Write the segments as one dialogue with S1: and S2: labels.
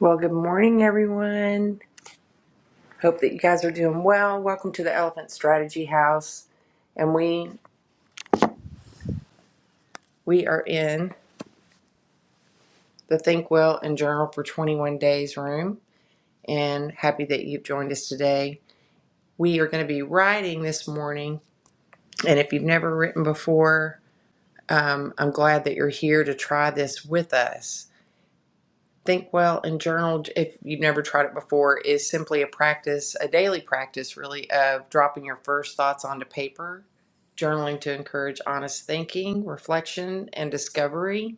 S1: Well, good morning, everyone. Hope that you guys are doing well. Welcome to the Elephant Strategy House, and we we are in the Think Well and Journal for 21 Days room. And happy that you've joined us today. We are going to be writing this morning, and if you've never written before, um, I'm glad that you're here to try this with us. Think well and journal, if you've never tried it before, is simply a practice, a daily practice really, of dropping your first thoughts onto paper, journaling to encourage honest thinking, reflection, and discovery.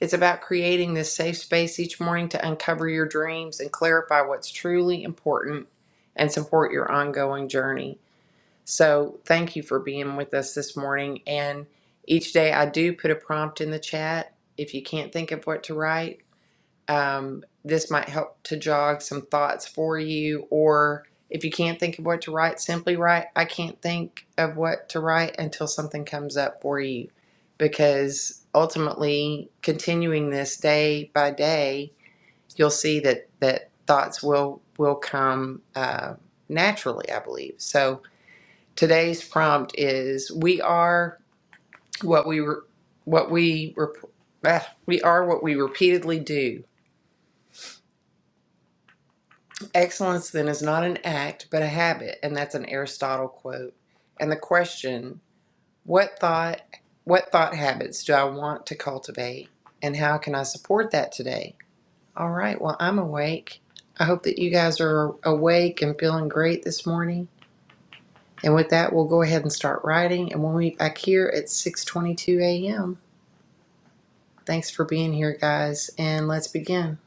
S1: It's about creating this safe space each morning to uncover your dreams and clarify what's truly important and support your ongoing journey. So, thank you for being with us this morning. And each day I do put a prompt in the chat if you can't think of what to write um, this might help to jog some thoughts for you. Or if you can't think of what to write, simply write, I can't think of what to write until something comes up for you. Because ultimately, continuing this day by day, you'll see that, that thoughts will, will come uh, naturally, I believe. So today's prompt is we are what we, re- what we, rep- ah, we are what we repeatedly do. Excellence then is not an act, but a habit, and that's an Aristotle quote. And the question, what thought what thought habits do I want to cultivate and how can I support that today? All right, well, I'm awake. I hope that you guys are awake and feeling great this morning. And with that, we'll go ahead and start writing and we'll meet back here at 6:22 a.m. Thanks for being here, guys, and let's begin.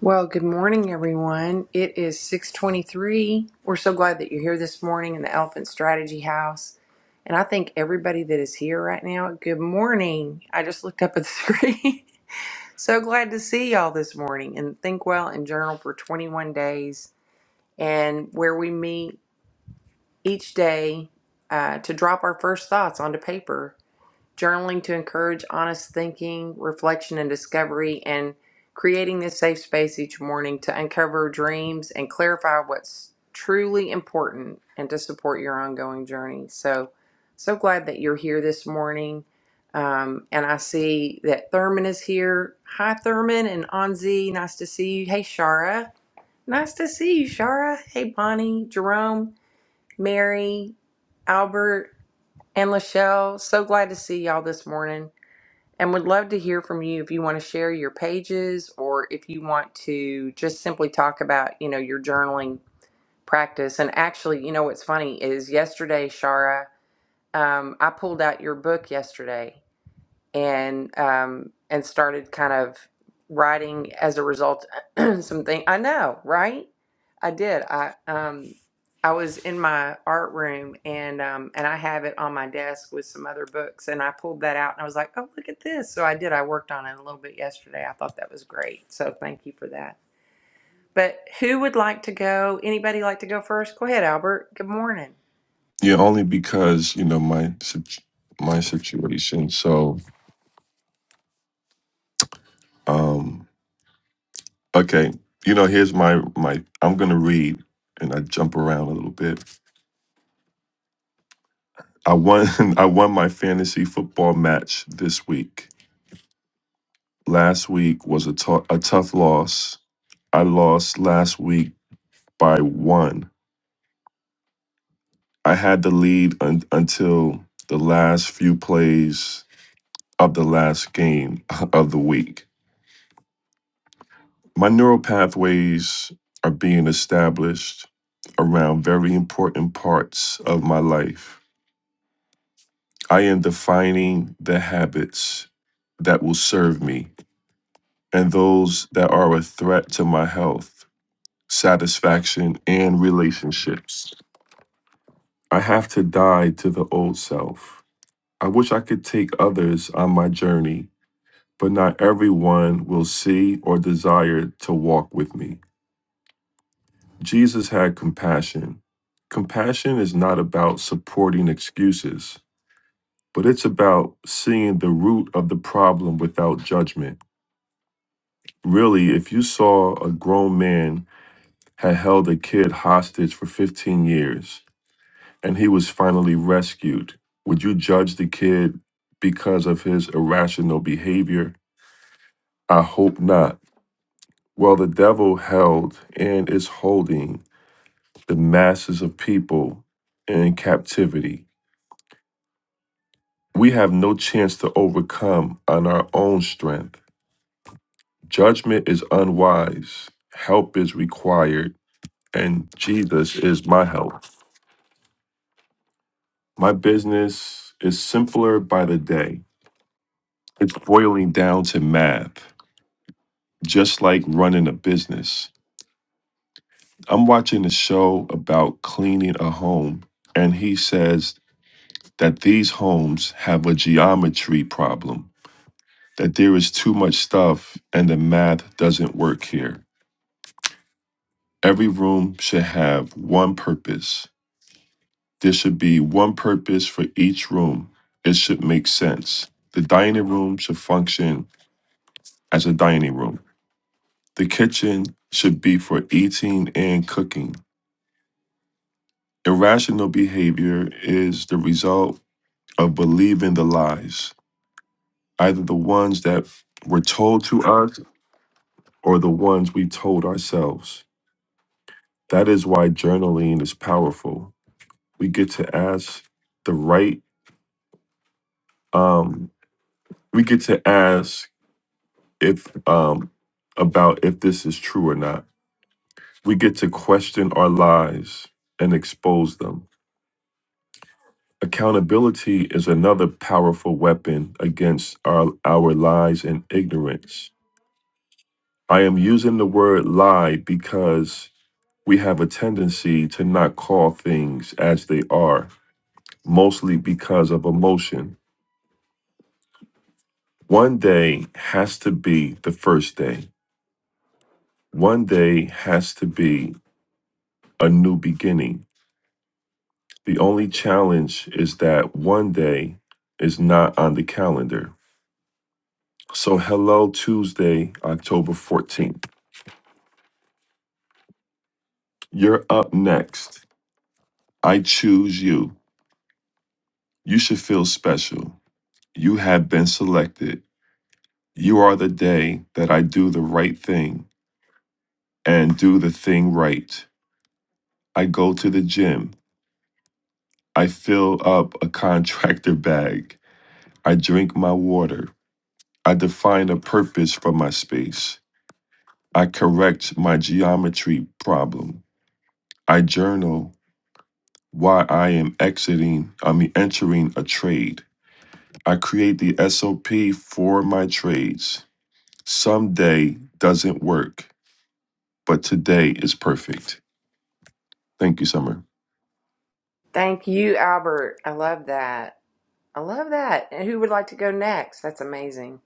S1: Well, good morning, everyone. It is 623. We're so glad that you're here this morning in the Elephant Strategy House. And I think everybody that is here right now, good morning. I just looked up at the screen. so glad to see y'all this morning and think well and journal for 21 days and where we meet each day uh, to drop our first thoughts onto paper journaling to encourage honest thinking, reflection, and discovery, and creating this safe space each morning to uncover dreams and clarify what's truly important and to support your ongoing journey. So, so glad that you're here this morning. Um, and I see that Thurman is here. Hi, Thurman and Anzi. Nice to see you. Hey, Shara. Nice to see you, Shara. Hey, Bonnie, Jerome, Mary, Albert, and Lachelle. So glad to see y'all this morning and would love to hear from you if you want to share your pages or if you want to just simply talk about you know your journaling practice and actually you know what's funny is yesterday shara um, i pulled out your book yesterday and um and started kind of writing as a result something I know, right? I did. I um I was in my art room and um and I have it on my desk with some other books and I pulled that out and I was like, "Oh, look at this." So I did. I worked on it a little bit yesterday. I thought that was great. So thank you for that. But who would like to go? Anybody like to go first? Go ahead, Albert. Good morning.
S2: Yeah, only because you know my sit- my situation. So, um, okay, you know, here's my my. I'm gonna read, and I jump around a little bit. I won I won my fantasy football match this week. Last week was a tou- a tough loss. I lost last week by one. I had the lead un- until the last few plays of the last game of the week. My neural pathways are being established around very important parts of my life. I am defining the habits that will serve me and those that are a threat to my health, satisfaction, and relationships. I have to die to the old self. I wish I could take others on my journey, but not everyone will see or desire to walk with me. Jesus had compassion. Compassion is not about supporting excuses, but it's about seeing the root of the problem without judgment. Really, if you saw a grown man had held a kid hostage for 15 years and he was finally rescued, would you judge the kid because of his irrational behavior? I hope not. Well, the devil held and is holding the masses of people in captivity We have no chance to overcome on our own strength. Judgment is unwise, help is required, and Jesus is my help. My business is simpler by the day. It's boiling down to math, just like running a business. I'm watching a show about cleaning a home, and he says that these homes have a geometry problem, that there is too much stuff and the math doesn't work here. Every room should have one purpose. There should be one purpose for each room. It should make sense. The dining room should function as a dining room. The kitchen should be for eating and cooking. Irrational behavior is the result of believing the lies, either the ones that were told to us or the ones we told ourselves. That is why journaling is powerful. We get to ask the right um we get to ask if um about if this is true or not. We get to question our lies and expose them. Accountability is another powerful weapon against our our lies and ignorance. I am using the word lie because we have a tendency to not call things as they are, mostly because of emotion. One day has to be the first day. One day has to be a new beginning The only challenge is that one day is not on the calendar. So, hello, Tuesday, October 14th. You're up next. I choose you. You should feel special. You have been selected. You are the day that I do the right thing and do the thing right. I go to the gym. I fill up a contractor bag. I drink my water. I define a purpose for my space. I correct my geometry problem. I journal why I am exiting, I mean entering a trade. I create the SOP for my trades. Someday doesn't work, but today is perfect. Thank you, Summer.
S1: Thank you, Albert. I love that. I love that. And who would like to go next? That's amazing.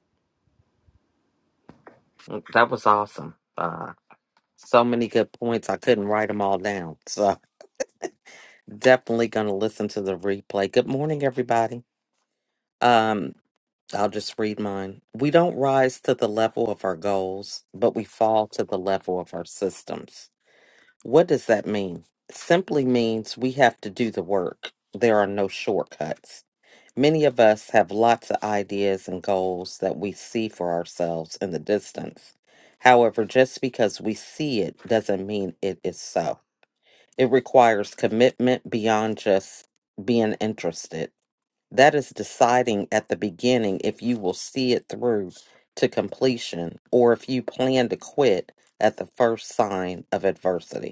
S3: Mm, That was awesome. Uh, so many good points. I couldn't write them all down. So definitely going to listen to the replay. Good morning, everybody. Um, I'll just read mine. We don't rise to the level of our goals, but we fall to the level of our systems. What does that mean? Simply means we have to do the work. There are no shortcuts. Many of us have lots of ideas and goals that we see for ourselves in the distance. However, just because we see it doesn't mean it is so. It requires commitment beyond just being interested. That is deciding at the beginning if you will see it through to completion or if you plan to quit at the first sign of adversity.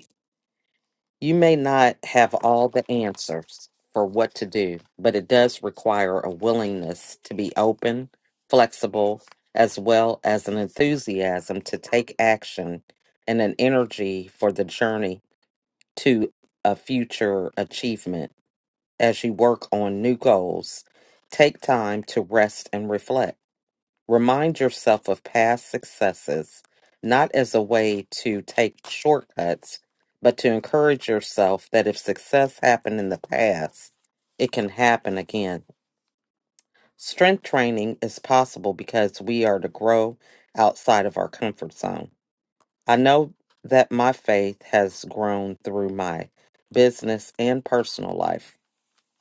S3: You may not have all the answers for what to do, but it does require a willingness to be open, flexible, as well as an enthusiasm to take action and an energy for the journey to a future achievement. As you work on new goals, take time to rest and reflect. Remind yourself of past successes, not as a way to take shortcuts, but to encourage yourself that if success happened in the past, it can happen again. Strength training is possible because we are to grow outside of our comfort zone. I know that my faith has grown through my business and personal life.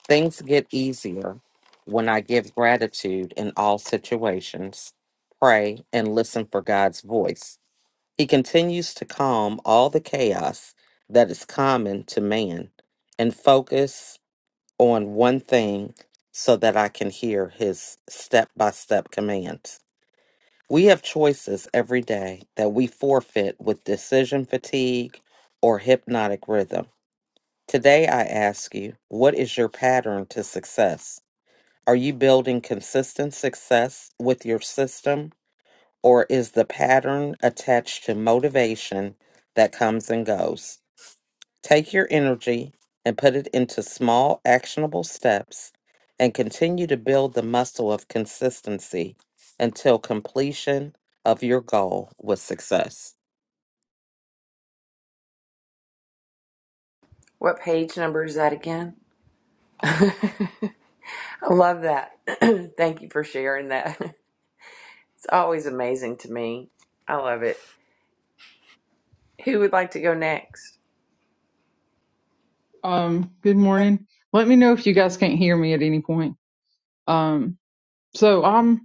S3: Things get easier when I give gratitude in all situations, pray, and listen for God's voice. He continues to calm all the chaos that is common to man and focus on one thing so that I can hear his step by step commands. We have choices every day that we forfeit with decision fatigue or hypnotic rhythm. Today, I ask you, what is your pattern to success? Are you building consistent success with your system, or is the pattern attached to motivation that comes and goes? Take your energy and put it into small, actionable steps and continue to build the muscle of consistency until completion of your goal with success.
S1: What page number is that again? I love that. Thank you for sharing that. It's always amazing to me. I love it. Who would like to go next?
S4: Um, good morning. Let me know if you guys can't hear me at any point. Um, so I'm,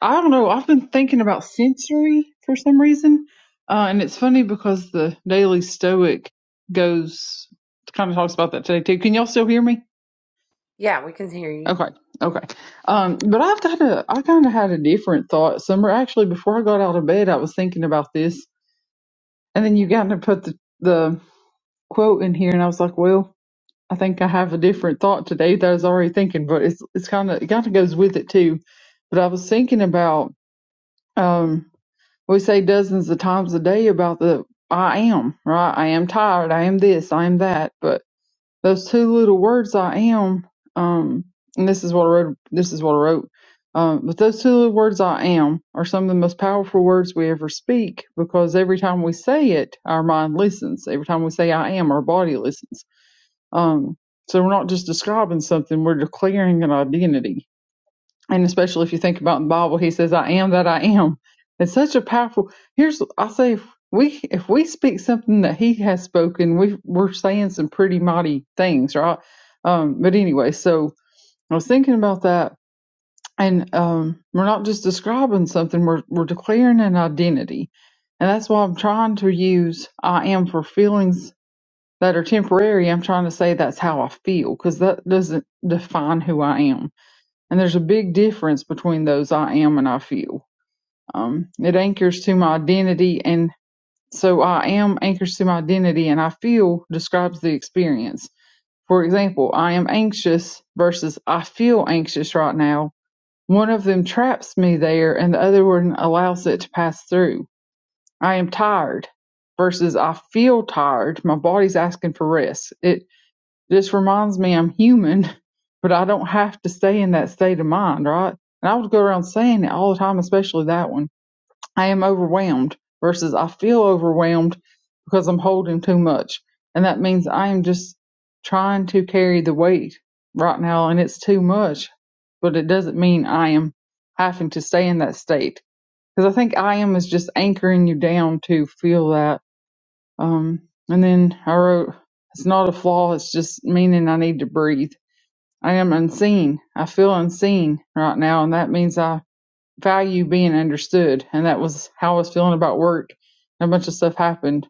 S4: I don't know. I've been thinking about sensory for some reason. Uh, and it's funny because the Daily Stoic goes, kind of talks about that today too. Can y'all still hear me?
S1: Yeah, we can hear you.
S4: Okay. Okay. Um, but I've got a, I kind of had a different thought. Summer, actually, before I got out of bed, I was thinking about this. And then you got to put the, the quote in here and I was like, well, I think I have a different thought today that I was already thinking, but it's it's kind of it kind of goes with it too. But I was thinking about um we say dozens of times a day about the I am right. I am tired. I am this. I am that. But those two little words, I am. Um, and this is what I wrote. This is what I wrote. Um, but those two little words, I am, are some of the most powerful words we ever speak because every time we say it, our mind listens. Every time we say I am, our body listens um, so we're not just describing something, we're declaring an identity. And especially if you think about in the Bible, he says, I am that I am. It's such a powerful here's I say if we if we speak something that he has spoken, we we're saying some pretty mighty things, right? Um, but anyway, so I was thinking about that and um we're not just describing something, we're we're declaring an identity. And that's why I'm trying to use I am for feelings that are temporary, I'm trying to say that's how I feel because that doesn't define who I am. And there's a big difference between those I am and I feel. Um, it anchors to my identity. And so I am anchors to my identity, and I feel describes the experience. For example, I am anxious versus I feel anxious right now. One of them traps me there, and the other one allows it to pass through. I am tired versus I feel tired. My body's asking for rest. It this reminds me I'm human, but I don't have to stay in that state of mind, right? And I would go around saying it all the time, especially that one. I am overwhelmed versus I feel overwhelmed because I'm holding too much. And that means I am just trying to carry the weight right now and it's too much, but it doesn't mean I am having to stay in that state. Because I think I am is just anchoring you down to feel that um, and then I wrote, it's not a flaw, it's just meaning I need to breathe. I am unseen. I feel unseen right now, and that means I value being understood. And that was how I was feeling about work. A bunch of stuff happened.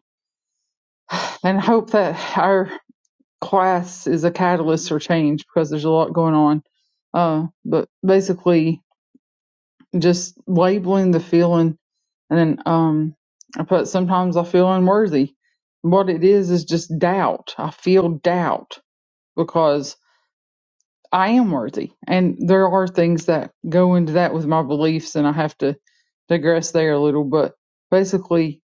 S4: And I hope that our class is a catalyst for change because there's a lot going on. Uh, but basically, just labeling the feeling And then um, I put sometimes I feel unworthy. What it is is just doubt. I feel doubt because I am worthy, and there are things that go into that with my beliefs, and I have to digress there a little. But basically,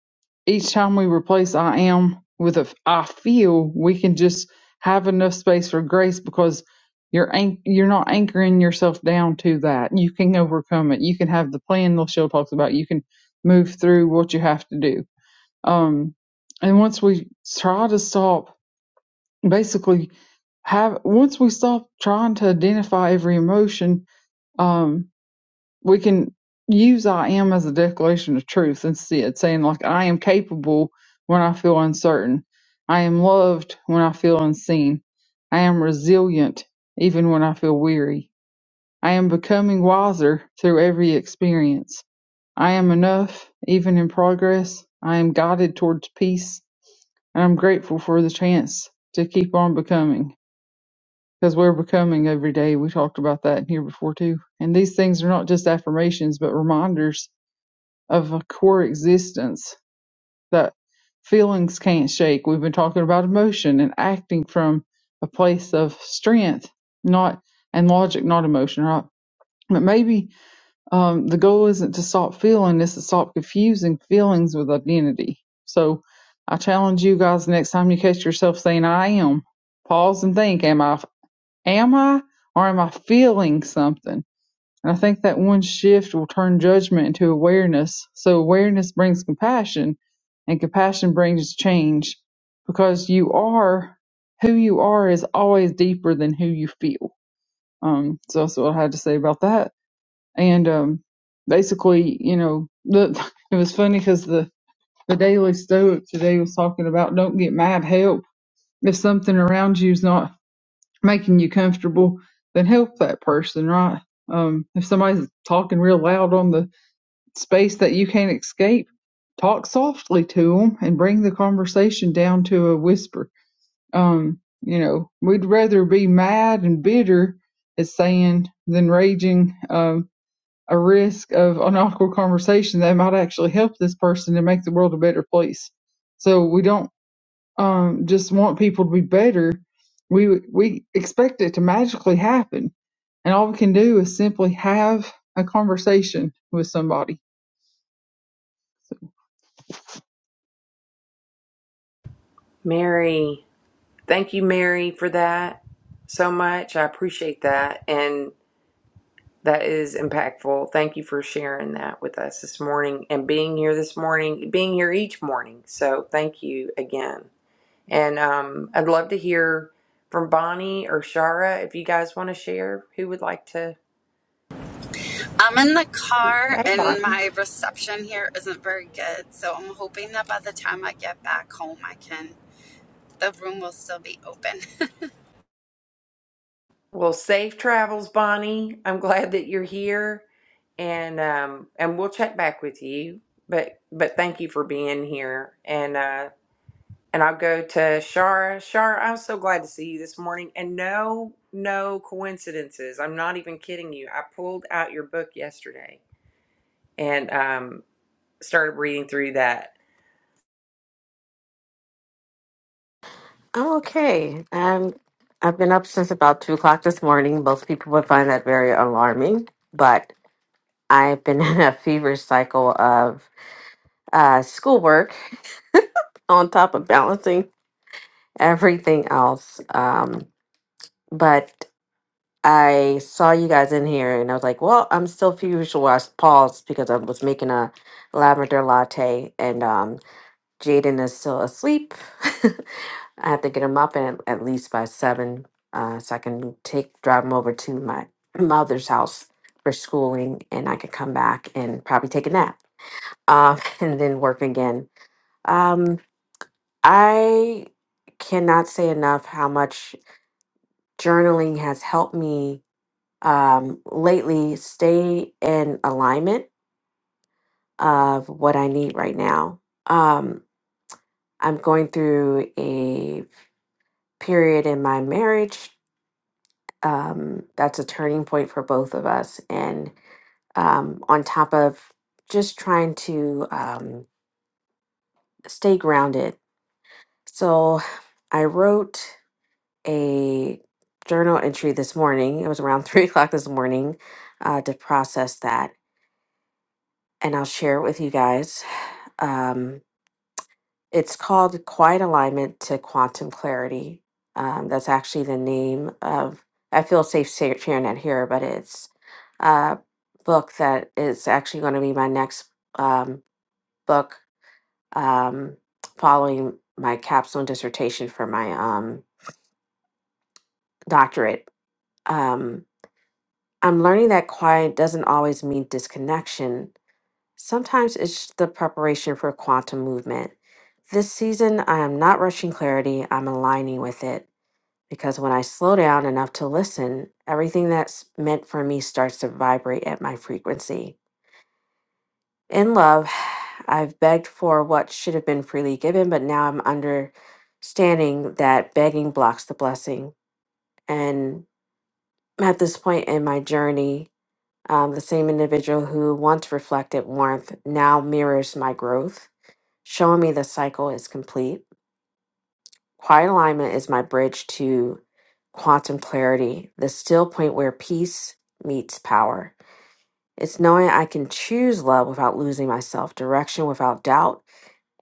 S4: each time we replace I am with a I feel, we can just have enough space for grace because you're anch- you're not anchoring yourself down to that. You can overcome it. You can have the plan Michelle talks about. You can move through what you have to do. Um, and once we try to stop, basically have once we stop trying to identify every emotion, um, we can use I am as a declaration of truth instead, saying, like, I am capable when I feel uncertain. I am loved when I feel unseen. I am resilient even when I feel weary. I am becoming wiser through every experience. I am enough even in progress. I am guided towards peace. And I'm grateful for the chance to keep on becoming because we're becoming every day. We talked about that here before too. And these things are not just affirmations, but reminders of a core existence that feelings can't shake. We've been talking about emotion and acting from a place of strength, not and logic, not emotion, right? But maybe um, the goal isn't to stop feeling, it's to stop confusing feelings with identity. So I challenge you guys next time you catch yourself saying I am, pause and think, am I am I or am I feeling something? And I think that one shift will turn judgment into awareness. So awareness brings compassion, and compassion brings change because you are who you are is always deeper than who you feel. Um, so that's what I had to say about that. And um, basically, you know, the, it was funny because the the Daily Stoic today was talking about don't get mad, help if something around you is not making you comfortable, then help that person, right? Um, if somebody's talking real loud on the space that you can't escape, talk softly to them and bring the conversation down to a whisper. Um, you know, we'd rather be mad and bitter, as saying, than raging um, a risk of an awkward conversation that might actually help this person and make the world a better place. So we don't um, just want people to be better, we we expect it to magically happen, and all we can do is simply have a conversation with somebody.
S1: Mary. Thank you, Mary, for that so much. I appreciate that. And that is impactful. Thank you for sharing that with us this morning and being here this morning, being here each morning. So thank you again. And um, I'd love to hear from Bonnie or Shara if you guys want to share who would like to.
S5: I'm in the car
S1: Hey, Bonnie.
S5: and my reception here isn't very good, so I'm hoping that by the time I get back home, I can the room will still be open.
S1: Well, safe travels, Bonnie. I'm glad that you're here, and um, and we'll check back with you. But but thank you for being here, and uh, and I'll go to Shara. Shara, I'm so glad to see you this morning, and no no coincidences. I'm not even kidding you. I pulled out your book yesterday, and um, started reading through that
S6: I'm okay. Um, I've been up since about two o'clock this morning. Most people would find that very alarming, but I've been in a fever cycle of uh, schoolwork on top of balancing everything else. Um, but I saw you guys in here, and I was like, "Well, I'm still feverish." So I paused because I was making a lavender latte, and um, Jaden is still asleep. I have to get him up at, at least by seven, uh, so I can take drive him over to my mother's house for schooling, and I can come back and probably take a nap, uh, and then work again. Um, I cannot say enough how much journaling has helped me um, lately stay in alignment of what I need right now. Um, I'm going through a period in my marriage. Um, that's a turning point for both of us. And um, on top of just trying to um, stay grounded. So I wrote a journal entry this morning. It was around three o'clock this morning uh, to process that. And I'll share it with you guys. Um, It's called Quiet Alignment to Quantum Clarity. Um, that's actually the name of, I feel safe sa- sharing that here, but it's a book that is actually going to be my next um, book um, following my capstone dissertation for my um, doctorate. Um, I'm learning that quiet doesn't always mean disconnection. Sometimes it's the preparation for quantum movement. This season, I am not rushing clarity, I'm aligning with it. because when I slow down enough to listen, everything that's meant for me starts to vibrate at my frequency. In love, I've begged for what should have been freely given, but now I'm understanding that begging blocks the blessing. And at this point in my journey, um, the same individual who once reflected warmth now mirrors my growth, showing me the cycle is complete. Quiet alignment is my bridge to quantum clarity, the still point where peace meets power. It's knowing I can choose love without losing myself, direction without doubt,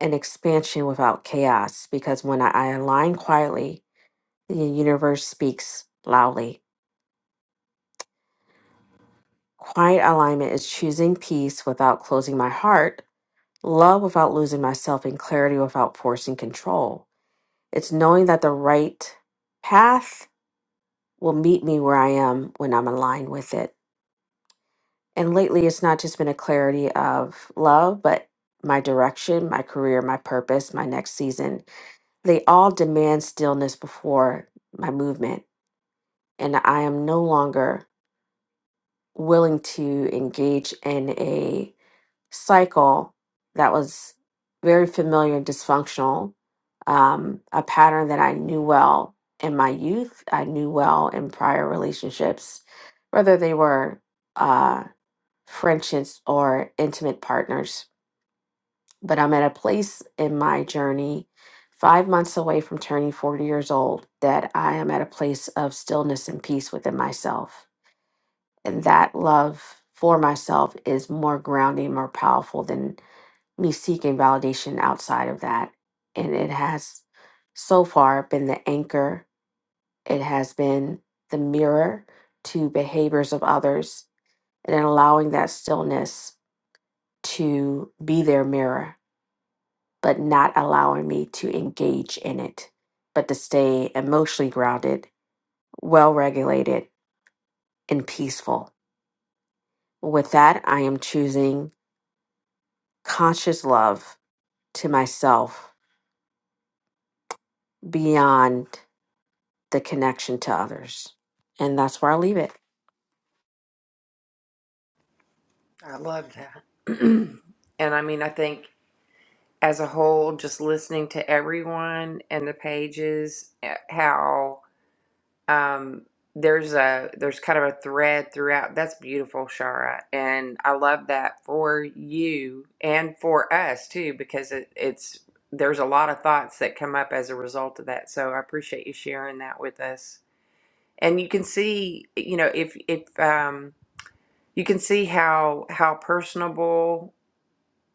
S6: and expansion without chaos. Because when I align quietly, the universe speaks loudly. Quiet alignment is choosing peace without closing my heart, love without losing myself, and clarity without forcing control. It's knowing that the right path will meet me where I am when I'm aligned with it. And lately, it's not just been a clarity of love, but my direction, my career, my purpose, my next season. They all demand stillness before my movement. And I am no longer willing to engage in a cycle that was very familiar and dysfunctional, um, a pattern that I knew well in my youth, I knew well in prior relationships, whether they were uh, friendships or intimate partners. But I'm at a place in my journey, five months away from turning 40 years old, that I am at a place of stillness and peace within myself. And that love for myself is more grounding, more powerful than me seeking validation outside of that. And it has so far been the anchor, it has been the mirror to behaviors of others, and then allowing that stillness to be their mirror, but not allowing me to engage in it, but to stay emotionally grounded, well regulated, and peaceful. With that, I am choosing conscious love to myself beyond the connection to others. And that's where I'll leave it.
S1: I love that. and I mean, I think as a whole, just listening to everyone and the pages, eh, how um, there's a there's kind of a thread throughout. That's beautiful, Shara, and I love that for you and for us too, because it, it's there's a lot of thoughts that come up as a result of that. So I appreciate you sharing that with us. And you can see, you know, if if um, you can see how how personable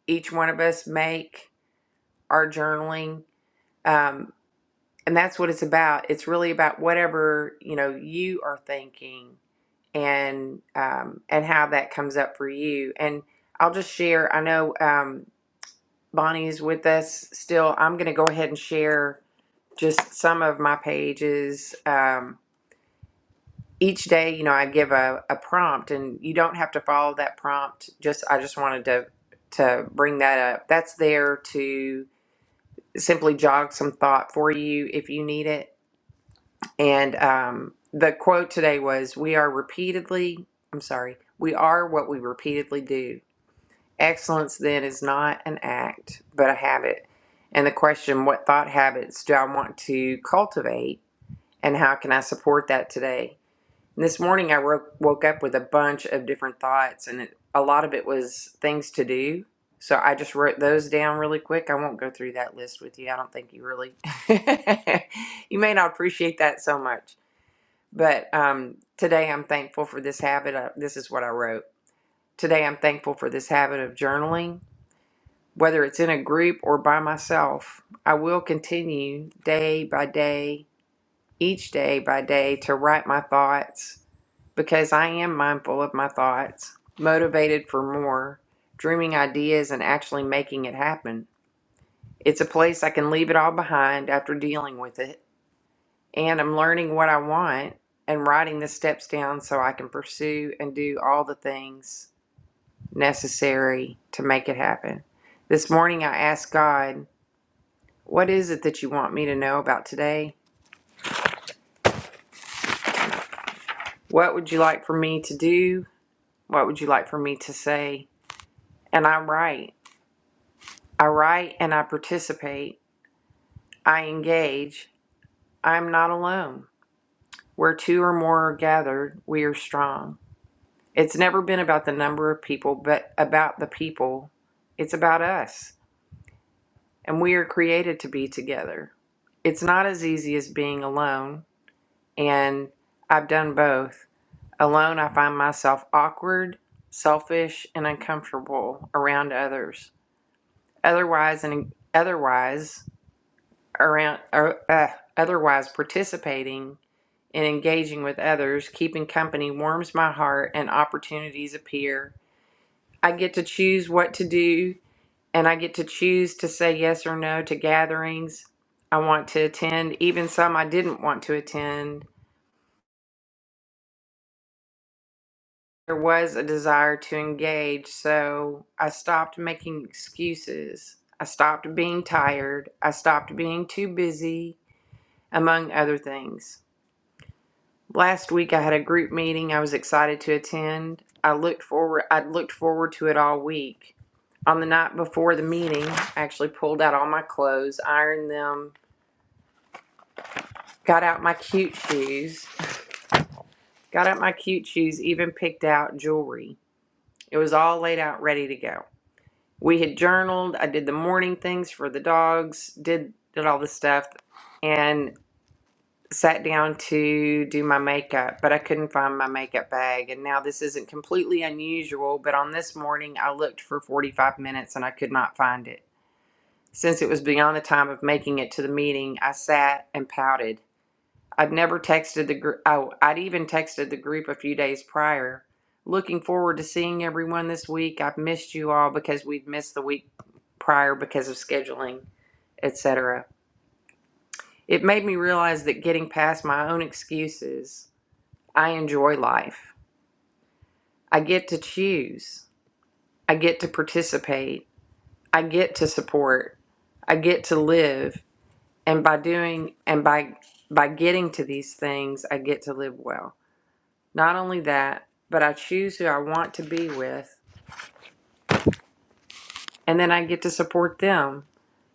S1: each one of us make our journaling um, and that's what it's about it's really about whatever you know you are thinking and um, and how that comes up for you and i'll just share i know um, bonnie is with us still i'm going to go ahead and share just some of my pages um, each day you know i give a, a prompt and you don't have to follow that prompt just i just wanted to to bring that up that's there to simply jog some thought for you if you need it. And um, the quote today was We are repeatedly, I'm sorry, we are what we repeatedly do. Excellence then is not an act, but a habit. And the question, What thought habits do I want to cultivate? And how can I support that today? This morning I woke, up with a bunch of different thoughts, and it, a lot of it was things to do. So I just wrote those down really quick. I won't go through that list with you. I don't think you really, you may not appreciate that so much. But um, today I'm thankful for this habit. Of, this is what I wrote. Today I'm thankful for this habit of journaling, whether it's in a group or by myself. I will continue day by day, each day by day, to write my thoughts because I am mindful of my thoughts, motivated for more, dreaming ideas and actually making it happen. It's a place I can leave it all behind after dealing with it, and I'm learning what I want and writing the steps down so I can pursue and do all the things necessary to make it happen. This morning I asked God, What is it that you want me to know about today? What would you like for me to do? What would you like for me to say? And I write. I write and I participate. I engage. I am not alone. Where two or more are gathered, we are strong. It's never been about the number of people, but about the people. It's about us. And we are created to be together. It's not as easy as being alone. And I've done both. Alone, I find myself awkward, selfish, and uncomfortable around others. Otherwise, and otherwise, around or uh, otherwise participating and engaging with others keeping company warms my heart and opportunities appear i get to choose what to do and i get to choose to say yes or no to gatherings i want to attend even some i didn't want to attend there was a desire to engage so i stopped making excuses i stopped being tired i stopped being too busy among other things Last week I had a group meeting I was excited to attend. I looked forward I'd looked forward to it all week. On the night before the meeting, I actually pulled out all my clothes, ironed them, got out my cute shoes, got out my cute shoes, even picked out jewelry. It was all laid out ready to go. We had journaled, I did the morning things for the dogs, did did all the stuff. and. sat down to do my makeup, but I couldn't find my makeup bag. And now this isn't completely unusual, but on this morning I looked for 45 minutes and I could not find it. Since it was beyond the time of making it to the meeting, I sat and pouted. I'd never texted the group. Oh, I'd even texted the group a few days prior. Looking forward to seeing everyone this week. I've missed you all because we have missed the week prior because of scheduling, etc. It made me realize that getting past my own excuses I enjoy life. I get to choose. I get to participate. I get to support. I get to live. And by doing and by by getting to these things, I get to live well. Not only that, but I choose who I want to be with, and then I get to support them,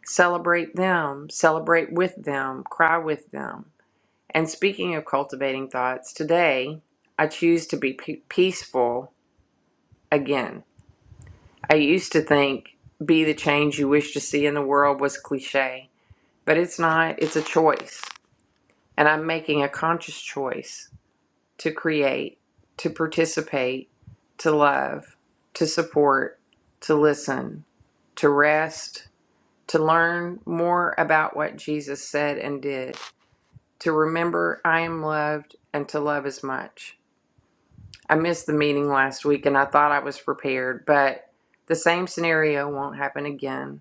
S1: celebrate them, celebrate with them, cry with them. And speaking of cultivating thoughts, today I choose to be pe- peaceful again. I used to think be the change you wish to see in the world was cliche, but it's not. It's a choice. And I'm making a conscious choice to create, to participate, to love, to support, to listen, to rest, to learn more about what Jesus said and did, to remember I am loved and to love as much. I missed the meeting last week and I thought I was prepared, but the same scenario won't happen again.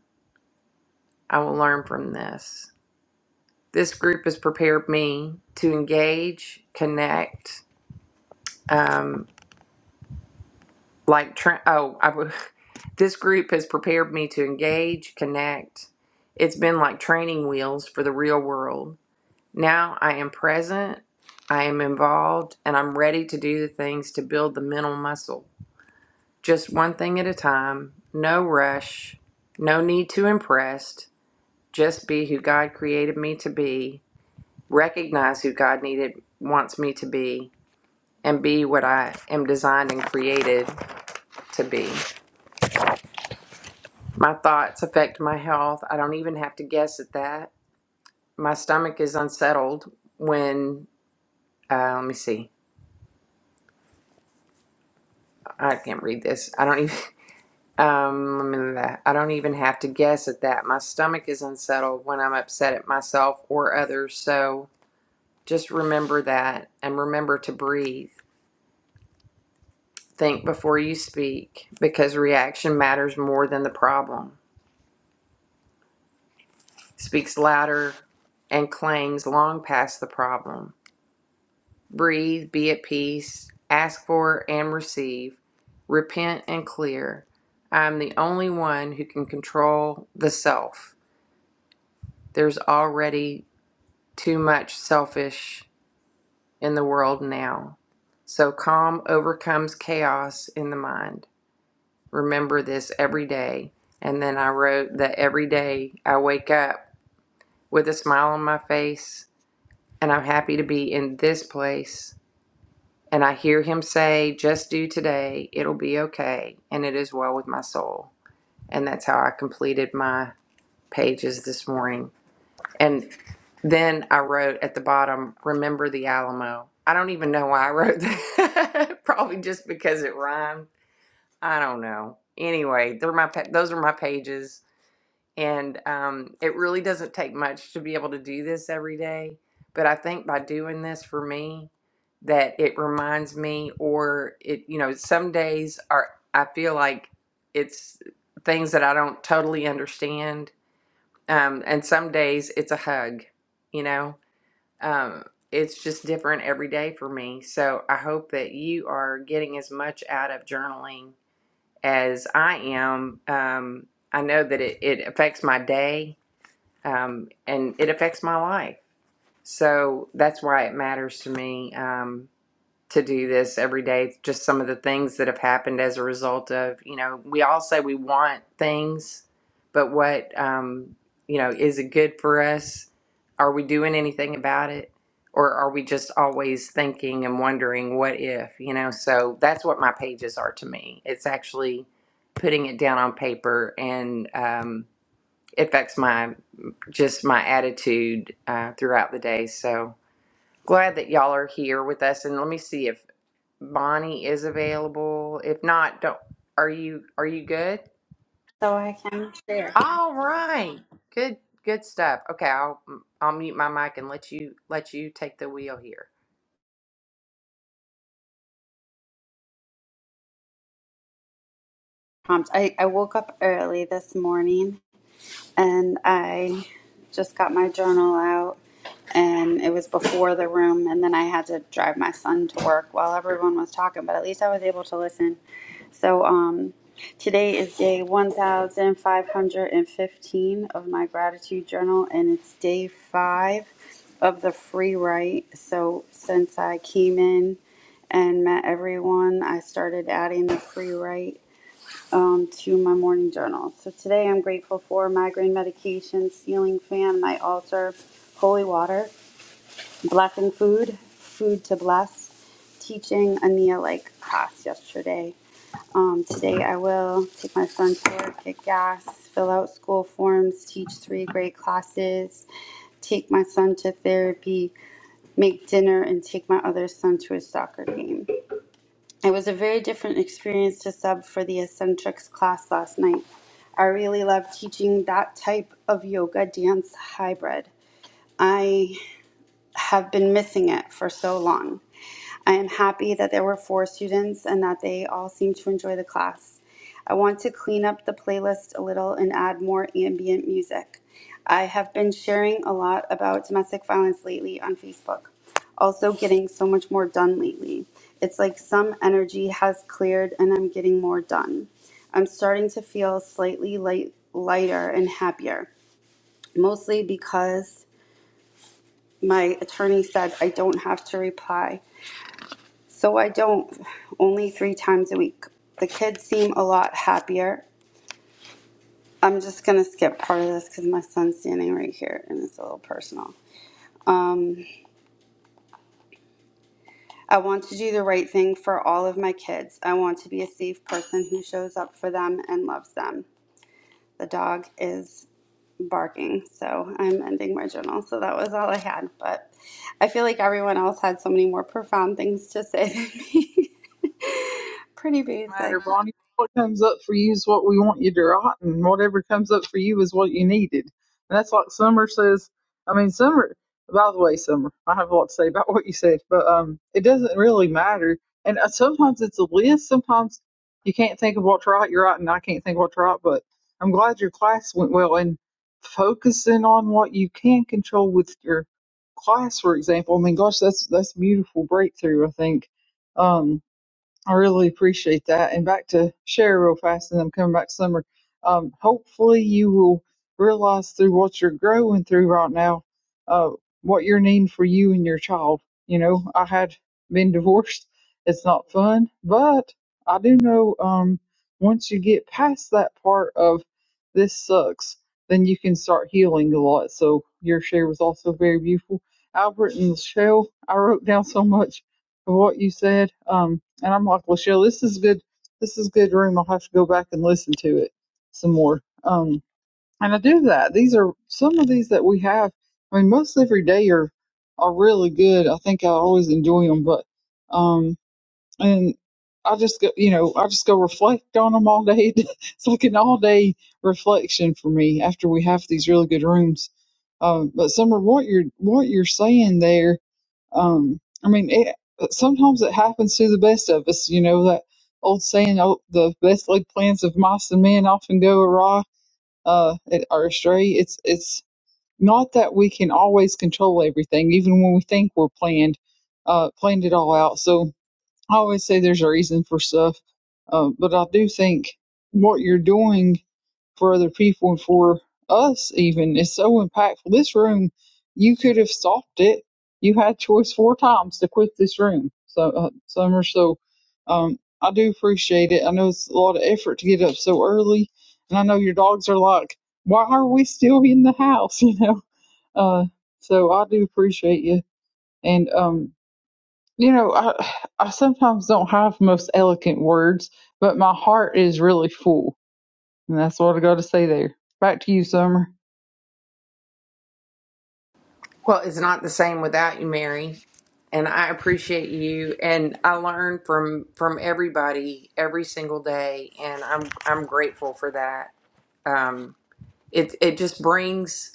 S1: I will learn from this. This group has prepared me to engage, connect, um, like, tra- oh, I would, this group has prepared me to engage, connect. It's been like training wheels for the real world. Now I am present, I am involved, and I'm ready to do the things to build the mental muscle. Just one thing at a time, no rush, no need to impress, just be who God created me to be recognize who God needed wants me to be and be what I am designed and created to be. My thoughts affect my health. I don't even have to guess at that. My stomach is unsettled when uh, let me see. I can't read this. I don't even um let me look at that. I don't even have to guess at that. My stomach is unsettled when I'm upset at myself or others. So just remember that and remember to breathe. Think before you speak because reaction matters more than the problem. Speaks louder and clangs long past the problem. Breathe, be at peace, ask for and receive, repent and clear. I am the only one who can control the self. There's already too much selfish in the world now. So calm overcomes chaos in the mind. remember this every day. And then I wrote that every day I wake up with a smile on my face and I'm happy to be in this place. And I hear him say, just do today, it'll be okay. And it is well with my soul. And that's how I completed my pages this morning. And then I wrote at the bottom, remember the Alamo. I don't even know why I wrote that. Probably just because it rhymed. I don't know. Anyway, they're my pa- those are my pages And um, it really doesn't take much to be able to do this every day. But I think by doing this for me, that it reminds me, or it, you know, some days are, I feel like it's things that I don't totally understand. Um, and some days it's a hug, you know, um, it's just different every day for me. So I hope that you are getting as much out of journaling as I am. Um, I know that it, it affects my day um, and it affects my life. So that's why it matters to me um, to do this every day. Just some of the things that have happened as a result of, you know, we all say we want things, but what, um, you know, is it good for us? Are we doing anything about it? Or are we just always thinking and wondering what if, you know? So that's what my pages are to me. It's actually putting it down on paper and um, it affects my just my attitude uh, throughout the day. So glad that y'all are here with us. And let me see if Bonnie is available. If not, don't. Are you Are you good?
S5: I'm there.
S1: All right. Good. Good stuff. Okay, I'll I'll mute my mic and let you let you take the wheel here.
S5: I, I woke up early this morning and I just got my journal out and it was before the room and then I had to drive my son to work while everyone was talking, but at least I was able to listen. So um today is day 1515 of my gratitude journal and it's day 5 of the free write. So since I came in and met everyone, I started adding the free write um, to my morning journal. So today I'm grateful for migraine medication, ceiling fan, my altar, holy water, blessing food, food to bless, teaching Ania like class yesterday. Um, today I will take my son to work, get gas, fill out school forms, teach three grade classes, take my son to therapy, make dinner, and take my other son to his soccer game. It was a very different experience to sub for the eccentrics class last night. I really love teaching that type of yoga dance hybrid. I have been missing it for so long. I am happy that there were four students and that they all seemed to enjoy the class. I want to clean up the playlist a little and add more ambient music. I have been sharing a lot about domestic violence lately on Facebook, also getting so much more done lately. It's like some energy has cleared and I'm getting more done. I'm starting to feel slightly light, lighter and happier, mostly because my attorney said I don't have to reply so I don't only three times a week. The kids seem a lot happier. I'm just going to skip part of this because my son's standing right here and it's a little personal. I want to do the right thing for all of my kids. I want to be a safe person who shows up for them and loves them. The dog is barking, so I'm ending my journal. So that was all I had, but I feel like everyone else had so many more profound things to say than me. Pretty basic.
S4: matter, Bonnie. What comes up for you is what we want you to write, and whatever comes up for you is what you needed. And that's like Summer says. I mean, Summer. By the way, Summer, I have a lot to say about what you said, but um, it doesn't really matter. And uh, sometimes it's a list. Sometimes you can't think of what to write. You're right, and I can't think of what to write. But I'm glad your class went well and focusing on what you can control with your class, for example. I mean, gosh, that's that's a beautiful breakthrough. I think. Um, I really appreciate that. And back to share real fast, and I'm coming back to summer. Um, hopefully, you will realize through what you're growing through right now, uh, what you're needing for you and your child. You know, I had been divorced. It's not fun, but I do know um, once you get past that part of this sucks, then you can start healing a lot. So your share was also very beautiful. Albert and Michelle, I wrote down so much of what you said. Um, and I'm like, well, Shell, this is good. This is good room. I'll have to go back and listen to it some more. Um, and I do that. These are some of these that we have. I mean, most every day are are really good. I think I always enjoy them, but um, and I just go, you know, I just go reflect on them all day. it's like an all day reflection for me after we have these really good rooms. Um, but Summer, what you're what you're saying there um, I mean, it, sometimes it happens to the best of us. You know that old saying, "Oh, the best laid plans of mice and men often go awry uh, it- or astray." It's it's not that we can always control everything, even when we think we're planned uh, planned it all out. So I always say there's a reason for stuff, uh, but I do think what you're doing for other people and for us even is so impactful. This room, you could have stopped it. You had choice four times to quit this room. So uh, summer, so um, I do appreciate it. I know it's a lot of effort to get up so early, and I know your dogs are like, "Why are we still in the house?" You know. Uh, so I do appreciate you, and um, you know, I I sometimes don't have the most eloquent words, but my heart is really full and that's what I got to say there. Back to you, Summer.
S1: Well, it's not the same without you, Mary. And I appreciate you. And I learn from from everybody every single day, and I'm I'm grateful for that. Um, it it just brings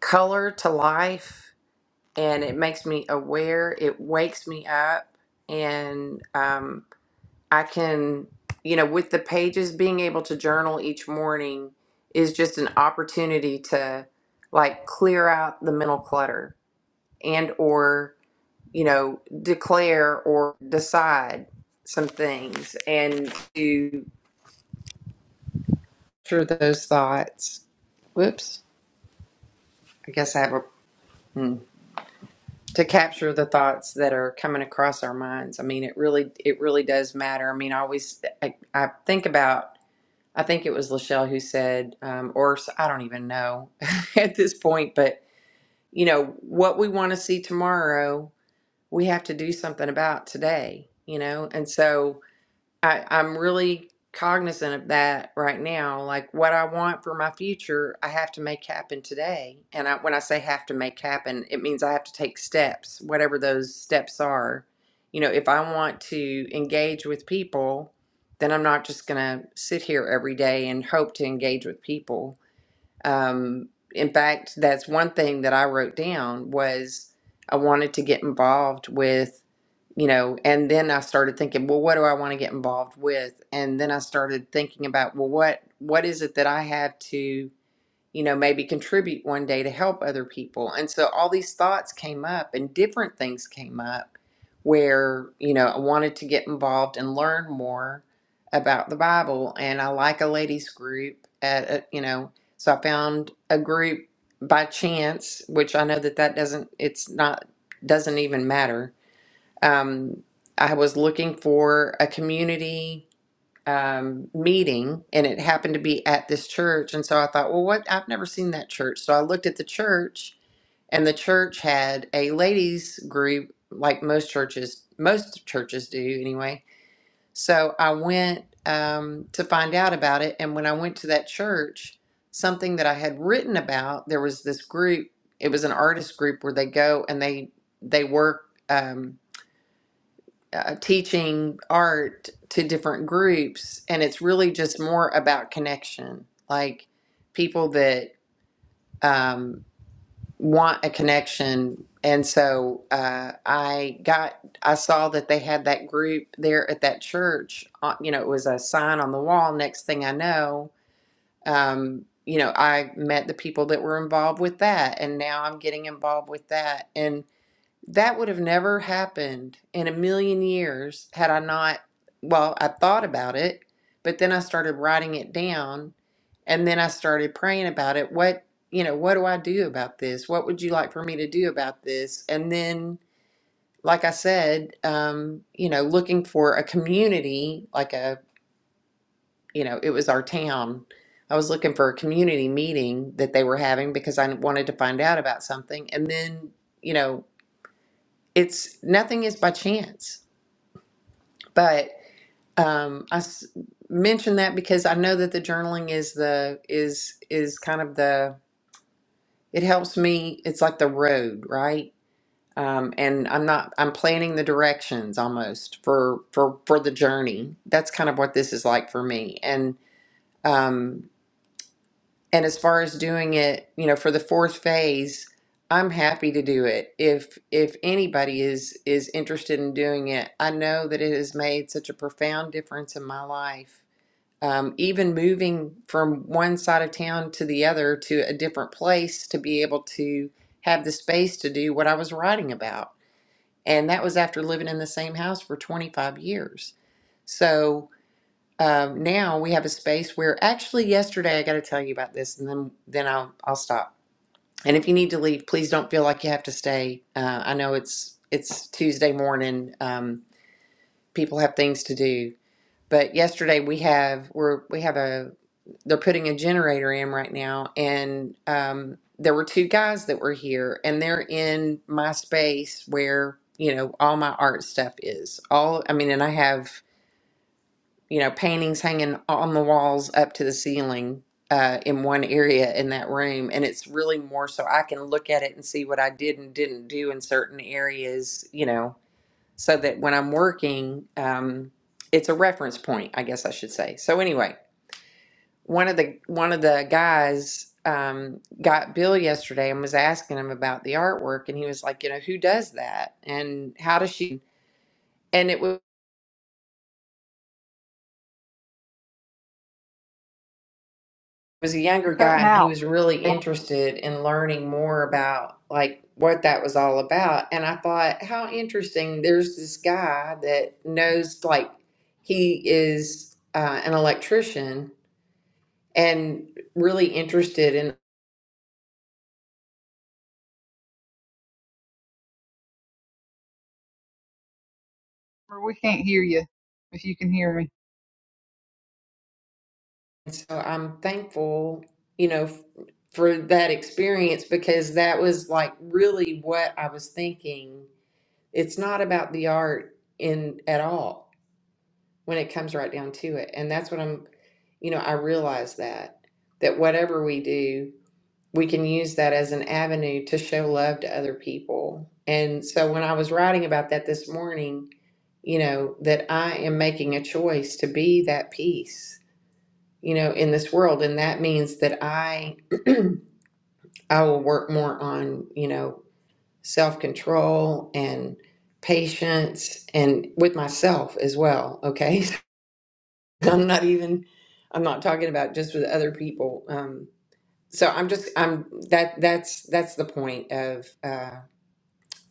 S1: color to life and it makes me aware it wakes me up and um, i can you know with the pages being able to journal each morning is just an opportunity to like clear out the mental clutter and or you know declare or decide some things and to through those thoughts whoops i guess i have a hmm. to capture the thoughts that are coming across our minds. I mean, it really, it really does matter. I mean, I always, I, I think about, I think it was Lachelle who said, um, or I I don't even know at this point, but you know, what we want to see tomorrow, we have to do something about today, you know? And so, I, I'm really cognizant of that right now. Like what I want for my future, I have to make happen today. And I, when I say have to make happen, it means I have to take steps, whatever those steps are. You know, if I want to engage with people, then I'm not just going to sit here every day and hope to engage with people um, in fact, that's one thing that I wrote down was I wanted to get involved with, you know, and then I started thinking, well, what do I want to get involved with? And then I started thinking about, well, what what is it that I have to you know, maybe contribute one day to help other people. And so all these thoughts came up and different things came up where, you know, I wanted to get involved and learn more about the Bible. And I like a ladies group at, a, you know, so I found a group by chance, which I know that that doesn't, it's not, doesn't even matter. Um, I was looking for a community um, meeting, and it happened to be at this church. And so I thought, well, what? I've never seen that church. So I looked at the church, and the church had a ladies group, like most churches, most churches do anyway. So I went um, to find out about it. And when I went to that church, something that I had written about, there was this group. It was an artist group where they go and they they work. Um, uh, teaching art to different groups, and it's really just more about connection, like people that um, want a connection. And so uh, I got, I saw that they had that group there at that church. Uh, you know, it was a sign on the wall. Next thing I know, um, you know, I met the people that were involved with that, and now I'm getting involved with that. And that would have never happened in a million years had I not, well, I thought about it, but then I started writing it down and then I started praying about it. What, you know, what do I do about this? What would you like for me to do about this? And then, like I said, um, you know, looking for a community, like a, you know, it was our town. I was looking for a community meeting that they were having because I wanted to find out about something. And then, you know, it's nothing is by chance but um i s- mention that because i know that the journaling is the is is kind of the it helps me it's like the road right um and i'm not i'm planning the directions almost for for for the journey that's kind of what this is like for me and um And as far as doing it, you know, for the fourth phase, I'm happy to do it. If if anybody is is interested in doing it, I know that it has made such a profound difference in my life. Um, even moving from one side of town to the other to a different place to be able to have the space to do what I was writing about. And that was after living in the same house for 25 years. So, um, now we have a space where actually yesterday I got to tell you about this, and then then I'll I'll stop. And if you need to leave, please don't feel like you have to stay. Uh, I know it's it's Tuesday morning. Um, people have things to do, but yesterday we have we're we have a they're putting a generator in right now, and um, there were two guys that were here, and they're in my space where you know all my art stuff is. All I mean, and I have you know, paintings hanging on the walls up to the ceiling uh, in one area in that room. And it's really more so I can look at it and see what I did and didn't do in certain areas, you know, so that when I'm working, um, it's a reference point, I guess I should say. So anyway, one of the one of the guys um, got Bill yesterday and was asking him about the artwork, and he was like, you know, who does that and how does she? And it was. was a younger
S4: You're
S1: guy
S4: cutting
S1: and he
S4: out.
S1: was really interested in learning more about like what that was all about and i thought how interesting there's this guy that knows like he is uh, an electrician and really interested in
S4: we can't hear you if you can hear me.
S1: so i'm thankful you know f- for that experience because that was like really what i was thinking it's not about the art in at all when it comes right down to it. And that's what I'm, you know, I realize that, that whatever we do, we can use that as an avenue to show love to other people. And so when I was writing about that this morning, you know, that I am making a choice to be that peace, you know, in this world. And that means that I, I will work more on, you know, self control and patience and with myself as well. Okay. I'm not even I'm not talking about just with other people. Um, so I'm just I'm that that's that's the point of uh,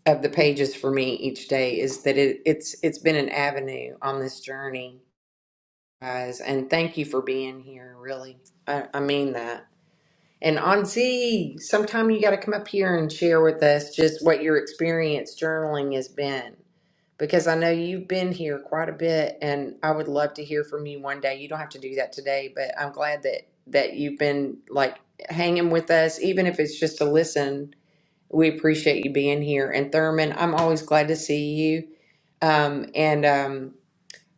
S1: of the pages for me each day is that it it's it's been an avenue on this journey, guys. And thank you for being here. Really, I, I mean that. And Anzi, sometime you got to come up here and share with us just what your experience journaling has been because I know you've been here quite a bit and I would love to hear from you one day. You don't have to do that today, but I'm glad that that you've been like hanging with us even if it's just to listen. We appreciate you being here and Thurman, I'm always glad to see you. Um and um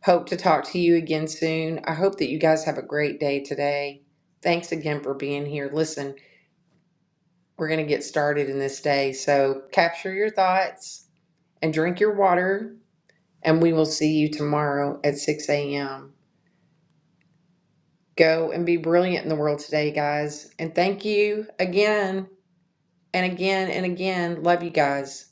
S1: hope to talk to you again soon. I hope that you guys have a great day today. Thanks again for being here. Listen, we're going to get started in this day. So capture your thoughts and drink your water and we will see you tomorrow at 6 a.m. Go and be brilliant in the world today, guys. And thank you again and again and again. Love you guys.